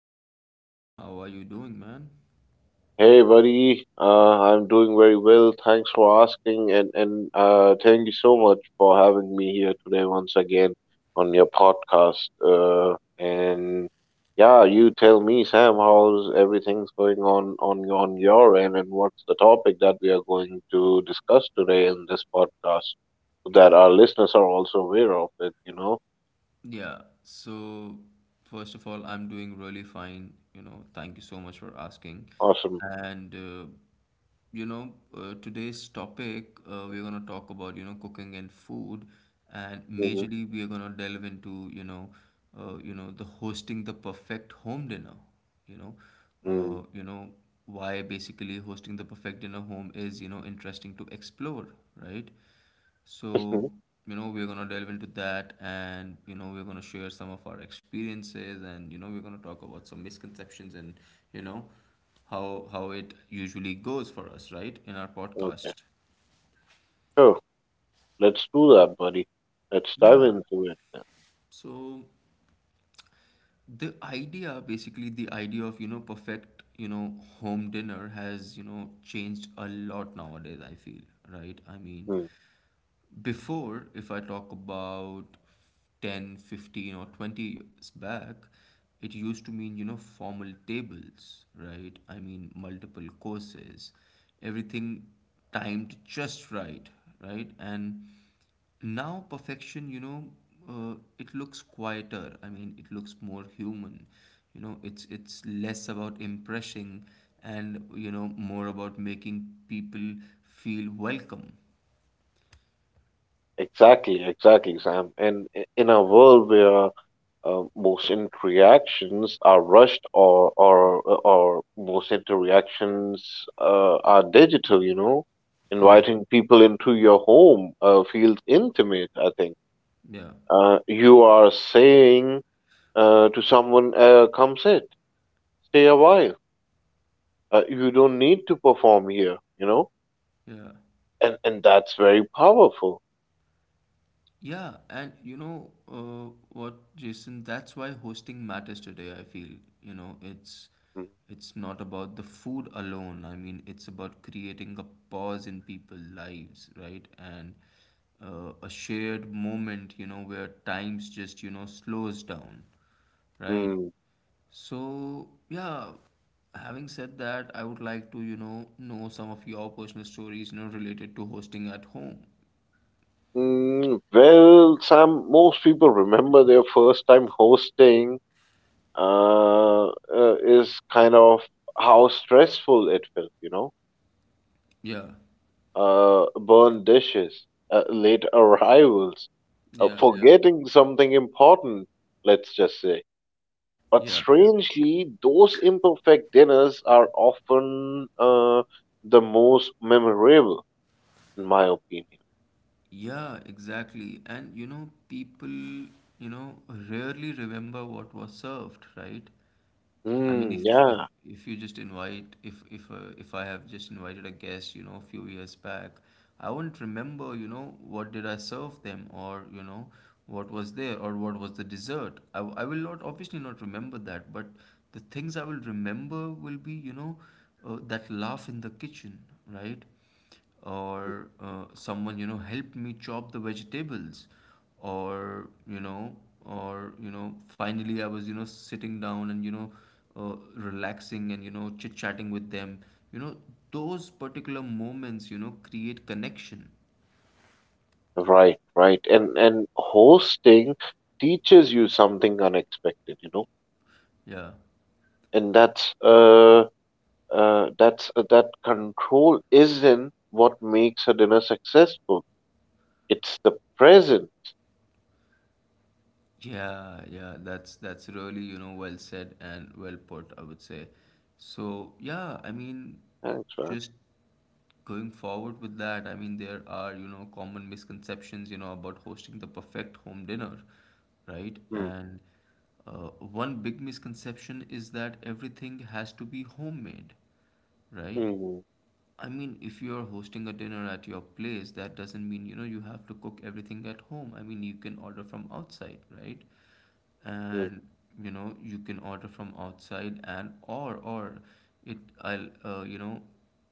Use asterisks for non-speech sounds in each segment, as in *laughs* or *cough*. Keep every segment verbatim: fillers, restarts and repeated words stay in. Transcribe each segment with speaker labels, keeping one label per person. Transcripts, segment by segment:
Speaker 1: back once again. How are you doing, man?
Speaker 2: Hey buddy, uh, I'm doing very well. Thanks for asking, and and uh, thank you so much for having me here today once again on your podcast. Uh, and yeah, you tell me, Sam, how's everything's going on on on your end, and what's the topic that we are going to discuss today in this podcast, so that our listeners are also aware of it. You know,
Speaker 1: Yeah, so first of all, I'm doing really fine. You know, thank you so much for asking.
Speaker 2: awesome.
Speaker 1: And, uh, you know, uh, today's topic, uh, we're going to talk about, you know, cooking and food. And
Speaker 2: hmm
Speaker 1: majorly, we are going to delve into, you know, uh, you know, the hosting the perfect home dinner, you know,
Speaker 2: Mm.
Speaker 1: uh, you know, why basically hosting the perfect dinner home is, you know, interesting to explore, right? So,
Speaker 2: *laughs*
Speaker 1: you know, we're gonna delve into that and, you know, we're gonna share some of our experiences and, you know, we're gonna talk about some misconceptions and, you know, how how it usually goes for us, right, in our
Speaker 2: Okay,
Speaker 1: podcast.
Speaker 2: sure. Let's do that, buddy. Let's dive
Speaker 1: Yeah.
Speaker 2: into it.
Speaker 1: So the idea, basically the idea of, you know, perfect, you know, home dinner has, you know, changed a lot nowadays, I feel, right? I mean,
Speaker 2: Mm,
Speaker 1: before, if I talk about ten, fifteen, or twenty years back, it used to mean, you know, formal tables, right? I mean, multiple courses, everything timed just right, right? And now perfection, you know, uh, it looks quieter. I mean, it looks more human. You know, it's it's less about impressing and, you know, more about making people feel welcome.
Speaker 2: Exactly, exactly, Sam. And i- in a world where uh, motion reactions are rushed or or uh, or most interactions uh, are digital, you know,
Speaker 1: Mhm.
Speaker 2: inviting people into your home uh, feels intimate, I think.
Speaker 1: Yeah.
Speaker 2: Uh, you are saying uh, to someone, uh, come sit, stay a while. Uh, you don't need to perform here, you know,
Speaker 1: Yeah.
Speaker 2: and and that's very powerful.
Speaker 1: Yeah, and you know uh, what, Jason, that's why hosting matters today, I feel. You know, it's
Speaker 2: Mm-hmm.
Speaker 1: it's not about the food alone. I mean, it's about creating a pause in people's lives, right? And uh, a shared moment, you know, where times just, you know, slows down, right?
Speaker 2: Mm.
Speaker 1: So, yeah, having said that, I would like to, you know, know some of your personal stories, you know, related to hosting at home.
Speaker 2: Mm, well, Sam, most people remember their first time hosting uh, uh, is kind of how stressful it felt, you know?
Speaker 1: Yeah,
Speaker 2: Uh, burned dishes, uh, late *laughs* arrivals, uh,
Speaker 1: yeah, yeah,
Speaker 2: forgetting something important, let's just say. But
Speaker 1: yeah, yeah,
Speaker 2: strangely, those imperfect dinners are often uh, the most memorable, in my opinion.
Speaker 1: yeah, exactly. And you know, people, you know, rarely remember what was served, right? I mean,
Speaker 2: Mm,
Speaker 1: if if
Speaker 2: yeah.
Speaker 1: if you just invite, if if uh, if I have just invited a guest, you know, a few years back, I wouldn't remember, you know, what did I serve them, or you know, what was there, or what was the dessert. I w- I will not obviously not remember that, but the things I will remember will be, you know, uh, that laugh in the kitchen, right? Or uh, someone you know helped me chop the vegetables, or you know, or you know finally I was you know sitting down and you know uh, relaxing and you know chit chatting with them, you know, those particular moments you know create connection.
Speaker 2: Right, right. And and hosting teaches you something unexpected, you know.
Speaker 1: Yeah.
Speaker 2: And that's uh uh that's uh, that control isn't what makes a dinner successful. It's the presence.
Speaker 1: Yeah, yeah, that's that's really, you know, well said and well put, I would say. So, yeah, I mean,
Speaker 2: Thanks, man.
Speaker 1: just going forward with that, I mean, there are, you know, common misconceptions, you know, about hosting the perfect home dinner, right?
Speaker 2: Mm,
Speaker 1: And uh, one big misconception is that everything has to be homemade, right?
Speaker 2: mm,
Speaker 1: I mean, if you're hosting a dinner at your place, that doesn't mean, you know, you have to cook everything at home. I mean, you can order from outside, right?
Speaker 2: mm,
Speaker 1: And you know you can order from outside, and or or it, I'll uh, you know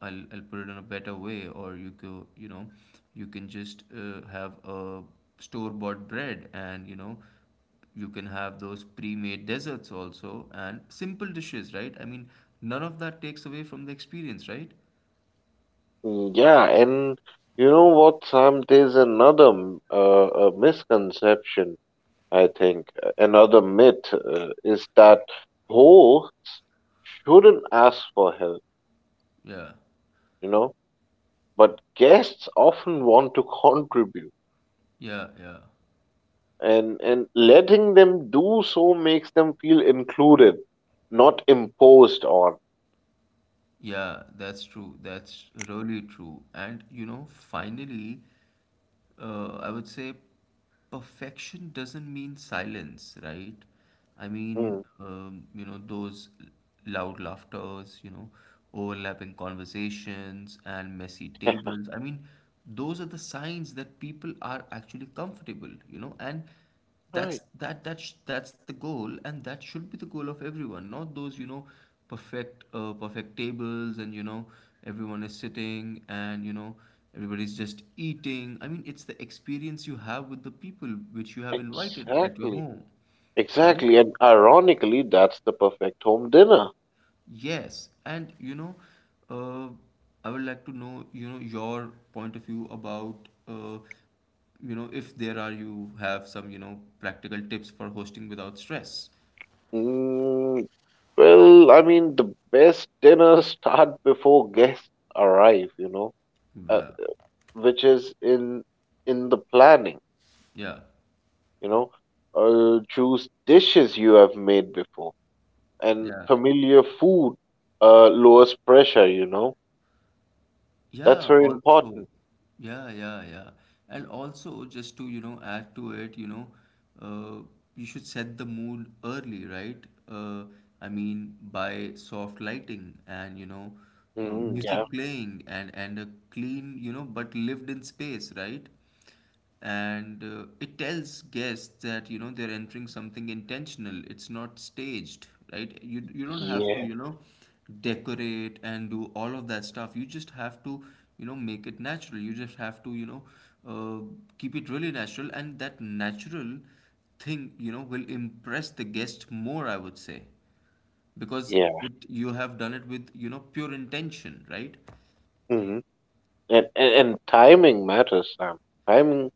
Speaker 1: I'll I'll put it in a better way, or you go, you know, you can just uh, have a store bought bread, and you know you can have those pre-made desserts also and simple dishes, right? I mean none of that takes away from the experience, right?
Speaker 2: mm. Yeah, and you know what, Sam? There's another m- uh, uh misconception, I think, uh, another myth uh, is that hosts shouldn't ask for help.
Speaker 1: Yeah,
Speaker 2: You know. But guests often want to contribute,
Speaker 1: yeah, yeah,
Speaker 2: and, and letting them do so makes them feel included, not imposed on.
Speaker 1: yeah, that's true. That's really true. And you know, finally, uh, I would say perfection doesn't mean silence, right? I mean,
Speaker 2: Hmm.
Speaker 1: um, you know, those loud laughters, you know, overlapping conversations and messy tables. I mean, those are the signs that people are actually comfortable, you know, and that's
Speaker 2: Right,
Speaker 1: that that's that's the goal, and that should be the goal of everyone, not those you know perfect uh, perfect tables and you know everyone is sitting and you know everybody's just eating. I mean it's the experience you have with the people which you have invited at your
Speaker 2: exactly,
Speaker 1: home, right?
Speaker 2: exactly. And ironically, that's the perfect home dinner.
Speaker 1: Yes, and you know, uh, I would like to know you know your point of view about uh, you know if there are you have some you know practical tips for hosting without stress.
Speaker 2: Mm, well, I mean, the best dinners *laughs* start before guests arrive, you know, uh,
Speaker 1: Well,
Speaker 2: which is in in the planning,
Speaker 1: yeah,
Speaker 2: you know. Uh, choose dishes you have made before and
Speaker 1: yeah,
Speaker 2: familiar food uh, lowers pressure. You know, that's
Speaker 1: yeah,
Speaker 2: very
Speaker 1: also,
Speaker 2: important.
Speaker 1: yeah, yeah, yeah. And also, just to, you know, add to it, you know, uh, you should set the mood early, right? Uh, I mean, by soft lighting and, you know, uh,
Speaker 2: Mm, yeah,
Speaker 1: music playing, and, and a clean, you know, but lived in space, right? And uh, it tells guests that you know they're entering something intentional, it's not staged, right? You you don't have to,
Speaker 2: yeah,
Speaker 1: you know, decorate and do all of that stuff. You just have to, you know, make it natural. You just have to, you know uh, keep it really natural, and that natural thing you know will impress the guest more, I would say, because
Speaker 2: yeah.
Speaker 1: it you have done it with you know pure intention, right?
Speaker 2: hmm And, and and timing matters, Sam. Timing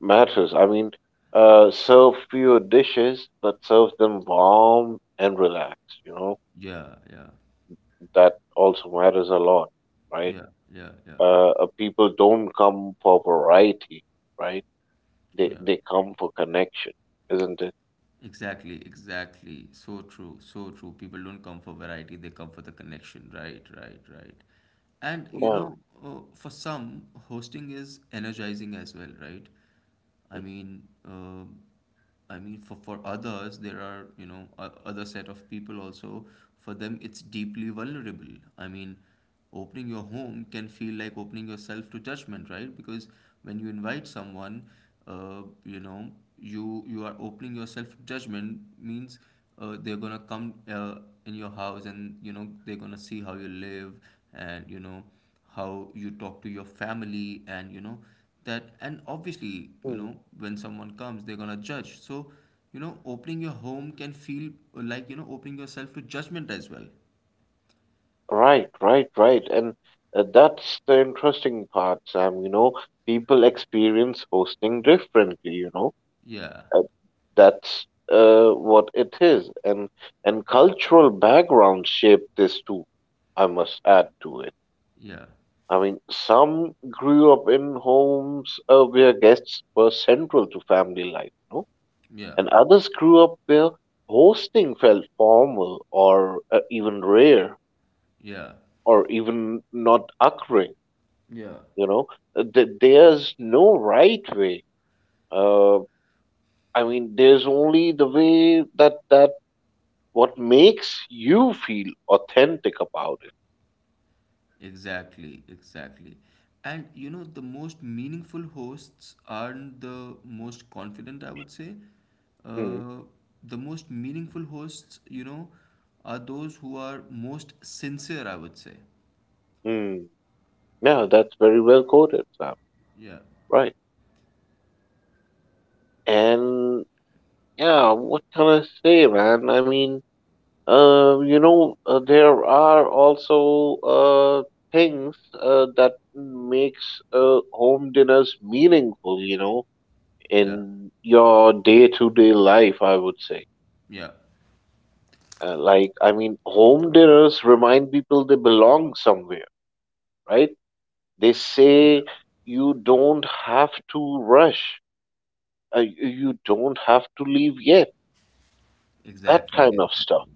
Speaker 2: matters. I mean, uh, serve fewer dishes, but serve them warm and relaxed. You know,
Speaker 1: Yeah, yeah,
Speaker 2: that also matters a lot, right?
Speaker 1: yeah, yeah, yeah,
Speaker 2: Uh, uh, people don't come for variety, right? They
Speaker 1: yeah,
Speaker 2: they come for connection, isn't it?
Speaker 1: exactly, exactly. So true, so true. People don't come for variety, they come for the connection. Right, right, right. And you
Speaker 2: Wow.
Speaker 1: know, uh, for some, hosting is energizing as well, right? I mean, uh, I mean, for for others, there are, you know, o- other set of people also. For them, it's deeply vulnerable. I mean, opening your home can feel like opening yourself to judgment, right? Because when you invite someone, uh, you know you you are opening yourself to judgment means uh, they're gonna come, uh, in your house, and you know they're gonna see how you live, and you know how you talk to your family, and you know that, and obviously you
Speaker 2: Mm-hmm.
Speaker 1: know when someone comes they're gonna judge, so you know opening your home can feel like you know opening yourself to judgment as well.
Speaker 2: Right, right, right. And uh, that's the interesting part, Sam. You know, people experience hosting differently, you know.
Speaker 1: Yeah,
Speaker 2: Uh, that's uh, what it is. And and cultural background shaped this too, I must add to it.
Speaker 1: yeah,
Speaker 2: I mean, some grew up in homes uh, where guests were central to family life, you know,
Speaker 1: yeah,
Speaker 2: and others grew up where hosting felt formal or uh, even rare
Speaker 1: yeah,
Speaker 2: or even not occurring,
Speaker 1: yeah.
Speaker 2: you know. Uh, th- there's no right way, uh, I mean there's only the way that that what makes you feel authentic about it.
Speaker 1: Exactly, exactly. And you know, the most meaningful hosts aren't the most confident, I would say.
Speaker 2: Hmm.
Speaker 1: Uh, the most meaningful hosts, you know, are those who are most sincere, I would say.
Speaker 2: Hmm. Yeah, that's very well quoted, Sam.
Speaker 1: Yeah,
Speaker 2: Right. And yeah, what can I say, man? I mean, uh, you know, uh, there are also uh, things uh, that makes uh, home dinners meaningful, you know,
Speaker 1: yeah,
Speaker 2: in your day-to-day life, I would say.
Speaker 1: yeah,
Speaker 2: Uh, like, I mean, home dinners remind people they belong somewhere, right? They
Speaker 1: yeah,
Speaker 2: say you don't have to rush, uh, you you don't have to leave yet, that
Speaker 1: exactly,
Speaker 2: kind of stuff.
Speaker 1: exactly.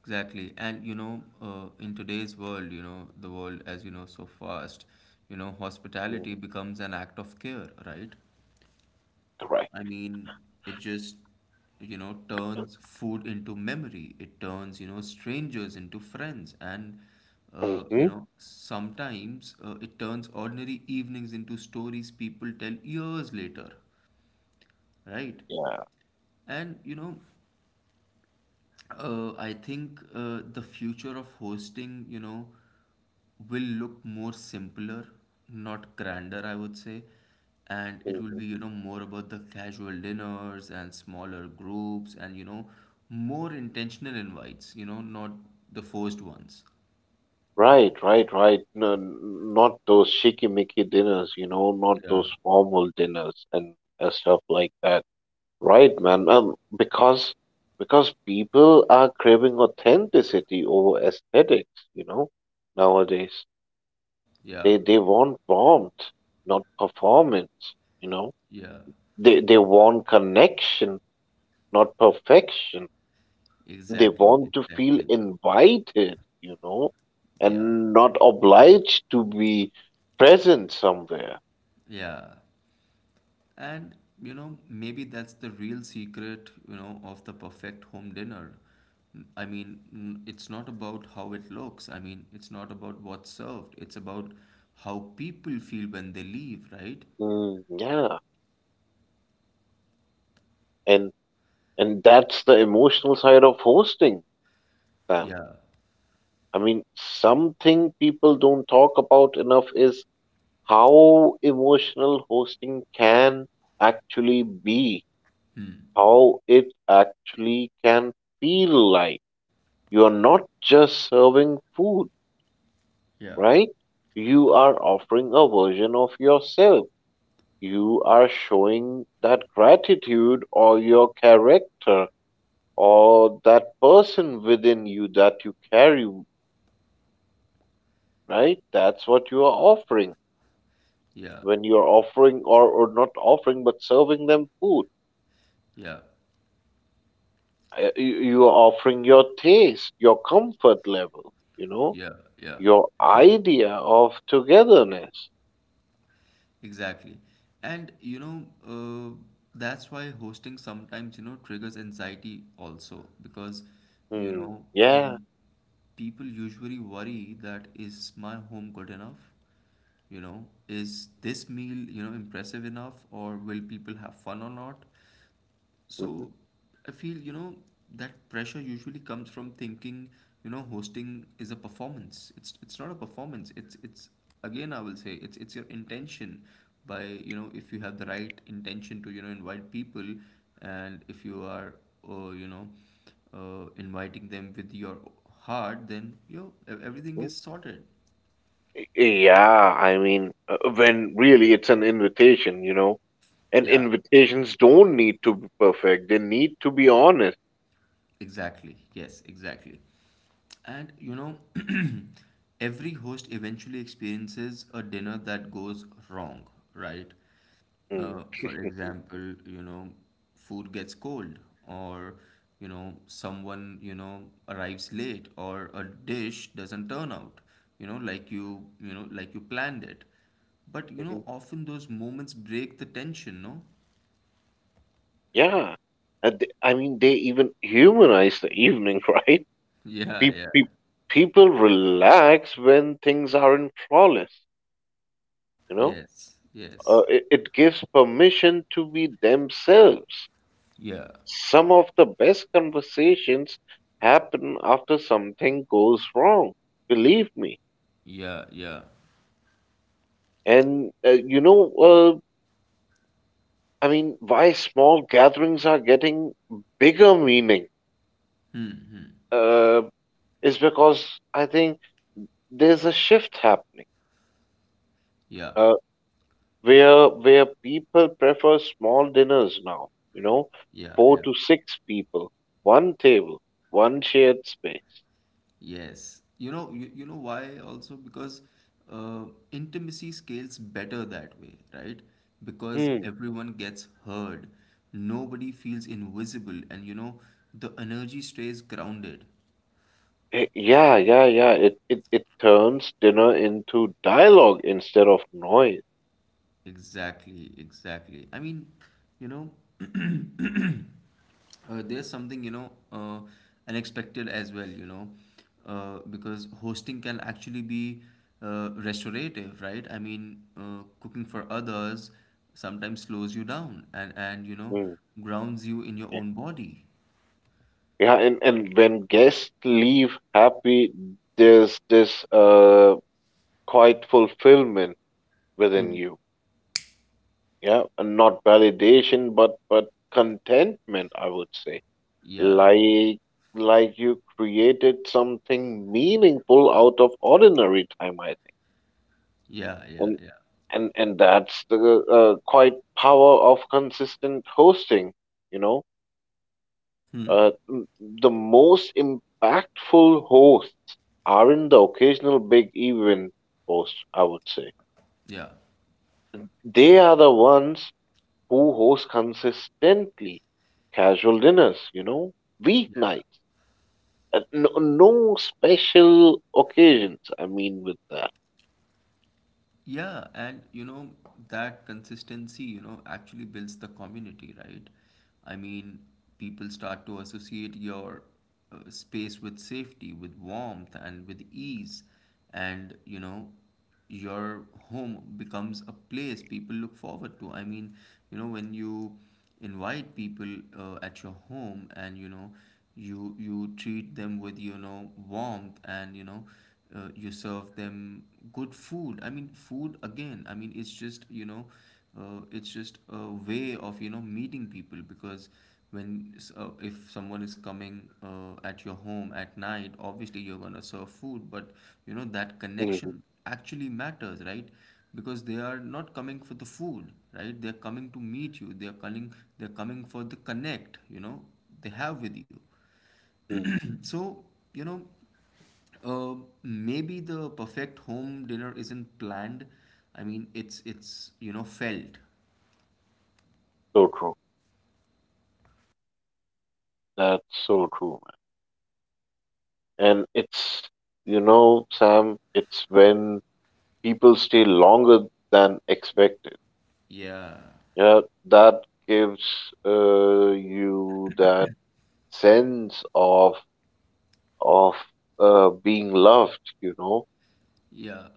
Speaker 1: Exactly. And you know, uh, in today's world, you know, the world, as you know, so fast, you know,
Speaker 2: Mm,
Speaker 1: hospitality becomes an act of care, right?
Speaker 2: right.
Speaker 1: I mean, it just, you know, turns food into memory. It turns, you know, strangers into friends. And, uh, you
Speaker 2: hmm
Speaker 1: know, sometimes uh, it turns ordinary evenings into stories people tell years later, right?
Speaker 2: Yeah.
Speaker 1: And, you know, uh, I think uh, the future of hosting, you know, will look more simpler, not grander, I would say. And it will
Speaker 2: hmm
Speaker 1: be, you know, more about the casual dinners and smaller groups and, you know, more intentional invites, you know, not the forced ones.
Speaker 2: Right, right, right. No, n- not those shikimiki dinners, you know, not
Speaker 1: Yeah,
Speaker 2: those formal dinners and uh, stuff like that. Right, man. Um, because because people are craving authenticity over aesthetics, you know, nowadays.
Speaker 1: yeah,
Speaker 2: They they want warmth, not performance, you know.
Speaker 1: yeah,
Speaker 2: They they want connection, not perfection. They
Speaker 1: exactly,
Speaker 2: want to feel
Speaker 1: exactly.
Speaker 2: invited, you know,
Speaker 1: Yeah,
Speaker 2: and not obliged to be present somewhere.
Speaker 1: yeah. And you know, maybe that's the real secret, you know, of the perfect home dinner. I mean, n- it's not about how it looks. I mean, it's not about what's served. It's about how people feel when they leave, right?
Speaker 2: Mm, yeah. And and that's the emotional side of hosting, Sam.
Speaker 1: Yeah.
Speaker 2: I mean, something people don't talk about enough is how emotional hosting can actually be,
Speaker 1: Hmm.
Speaker 2: how it actually can feel like. You are not just serving food,
Speaker 1: Yeah.
Speaker 2: right? You are offering a version of yourself. You are showing that gratitude or your character or that person within you that you carry, right? That's what you are offering
Speaker 1: Yeah.
Speaker 2: when you're offering or, or not offering but serving them food.
Speaker 1: Yeah.
Speaker 2: Uh, you, you're offering your taste, your comfort level, you know,
Speaker 1: Yeah. Yeah.
Speaker 2: your idea of togetherness.
Speaker 1: Exactly. And you know, uh, that's why hosting sometimes, you know, triggers anxiety also, because, you
Speaker 2: Hmm.
Speaker 1: know,
Speaker 2: Yeah.
Speaker 1: mm, people usually worry: that is my home good enough? You know, is this meal, you know, impressive enough, or will people have fun or not?
Speaker 2: Mhm.
Speaker 1: So I feel, you know, that pressure usually comes from thinking, you know, hosting is a performance. It's it's not a performance. It's it's again, I will say, it's it's your intention by, you know, if you have the right intention to, you know, invite people, and if you are, uh, you know, uh, inviting them with your heart, then you know, e- everything
Speaker 2: mm
Speaker 1: is sorted.
Speaker 2: yeah, I mean, uh, when really it's an invitation, you know, and
Speaker 1: Yeah,
Speaker 2: invitations don't need to be perfect, they need to be honest.
Speaker 1: exactly. Yes, exactly. And you know, *clears throat* every host eventually experiences a dinner that goes wrong, right?
Speaker 2: Hmm.
Speaker 1: Uh, for example, you know, food gets cold, or you know, someone you know arrives late, or a dish doesn't turn out, you know, like you you know like you planned it. But you know,
Speaker 2: Mhm.
Speaker 1: often those moments break the tension, no? *laughs*
Speaker 2: Yeah. And th- I mean, they even humanize the evening, *laughs* right?
Speaker 1: Yeah,
Speaker 2: Pe-
Speaker 1: yeah.
Speaker 2: pe- People relax when things aren't flawless, you know?
Speaker 1: Yes,
Speaker 2: Uh,
Speaker 1: yes.
Speaker 2: it, it gives permission to be themselves.
Speaker 1: Yeah,
Speaker 2: Some of the best conversations happen after something goes wrong. Believe me.
Speaker 1: yeah, yeah,
Speaker 2: And uh, you know, uh, I mean, why small gatherings are getting bigger meaning, uh, is because I think there's a shift happening,
Speaker 1: yeah,
Speaker 2: uh, where where people prefer small dinners now. You know,
Speaker 1: yeah,
Speaker 2: four
Speaker 1: yeah.
Speaker 2: to six people, one table, one shared space.
Speaker 1: Yes. You know, you, you know why also? Because uh, intimacy scales better that way, right? Because
Speaker 2: Hmm.
Speaker 1: everyone gets heard. Nobody feels invisible, and you know, the energy stays grounded.
Speaker 2: Eh, yeah, yeah, yeah. It it it turns dinner into dialogue instead of noise.
Speaker 1: Exactly, exactly. I mean, you know, uh, there's something you know uh, unexpected as well, you know, uh, because hosting can actually be uh, restorative, right? I mean uh, cooking for others sometimes slows you down, and and you know
Speaker 2: Hmm.
Speaker 1: grounds you in your own body.
Speaker 2: Yeah, and, and when guests leave happy, there's this uh quite fulfillment within
Speaker 1: Hmm.
Speaker 2: you. Yeah, and not validation, but but contentment, I would say.
Speaker 1: Yeah,
Speaker 2: Like like you created something meaningful out of ordinary time, I think.
Speaker 1: yeah, yeah,
Speaker 2: And
Speaker 1: yeah,
Speaker 2: and and that's the uh, quite power of consistent hosting, you know.
Speaker 1: hmm,
Speaker 2: Uh, the most impactful hosts aren't the occasional big event hosts, I would say.
Speaker 1: yeah.
Speaker 2: They are the ones who host consistently casual dinners, you know, weeknights, uh, no, no special occasions. I mean, with that.
Speaker 1: Yeah, and you know, that consistency, you know, actually builds the community, right? I mean, people start to associate your uh, space with safety, with warmth, and with ease. And, you know, your home becomes a place people look forward to. I mean, you know, when you invite people, uh, at your home, and, you know, you you treat them with, you know, warmth and, you know, uh, you serve them good food. I mean food again, I mean, it's just you know uh, it's just a way of you know meeting people, because when s- uh, if someone is coming, uh, at your home at night, obviously you're going to serve food, but you know that
Speaker 2: Mhm.
Speaker 1: connection actually matters, right? Because they are not coming for the food, right? They're coming to meet you, they're coming, they're coming for the connect you know they have with you.
Speaker 2: Mm,
Speaker 1: So you know, uh, maybe the perfect home dinner isn't planned. I mean, it's it's you know felt.
Speaker 2: so true. That's so true, man. And it's, you know, Sam, it's when people stay longer than expected.
Speaker 1: Yeah,
Speaker 2: Yeah, that gives uh, you that sense of of uh, being loved, you know,
Speaker 1: yeah,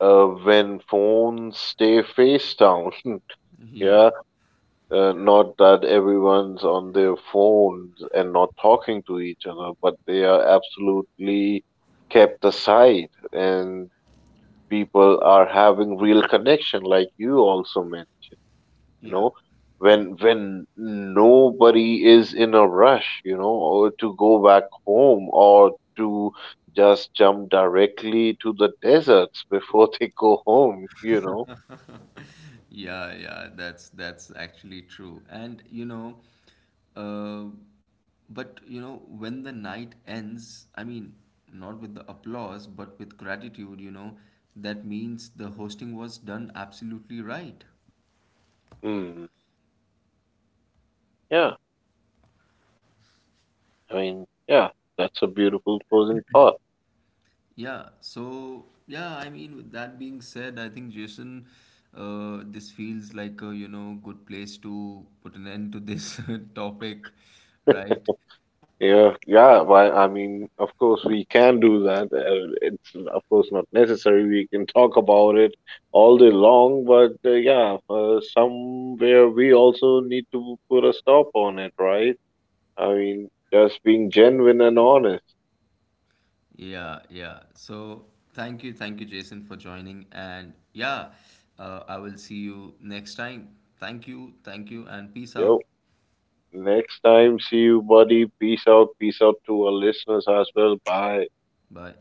Speaker 2: uh, when phones stay face down. *laughs*
Speaker 1: yeah,
Speaker 2: Yeah, uh, not that everyone's on their phones and not talking to each other, but they are absolutely kept aside, and people are having real connection, like you also mentioned. You
Speaker 1: yeah,
Speaker 2: know, when when nobody is in a rush, you know, or to go back home or to just jump directly to the deserts *laughs* before they go home, you know.
Speaker 1: yeah, yeah. That's that's actually true. And you know, uh, but you know, when the night ends, I mean, not with the applause, but with gratitude. You know, that means the hosting was done absolutely right.
Speaker 2: Hmm. Yeah, I mean, yeah, that's a beautiful closing thought.
Speaker 1: Yeah, so yeah, I mean, with that being said, I think Jason, uh, this feels like a, you know, good place to put an end to this *laughs* topic, right?
Speaker 2: Yeah, yeah. Why? I mean, of course, we can do that. Uh, it's of course not necessary. We can talk about it all day long, but uh, yeah, uh, somewhere we also need to put a stop on it, right? I mean, just being genuine and honest.
Speaker 1: Yeah, yeah. So thank you, thank you, Jason, for joining. And yeah, uh, I will see you next time. Thank you, thank you, and peace
Speaker 2: Yo,
Speaker 1: out.
Speaker 2: next time, see you, buddy. Peace out. Peace out to our listeners as well. Bye.
Speaker 1: Bye.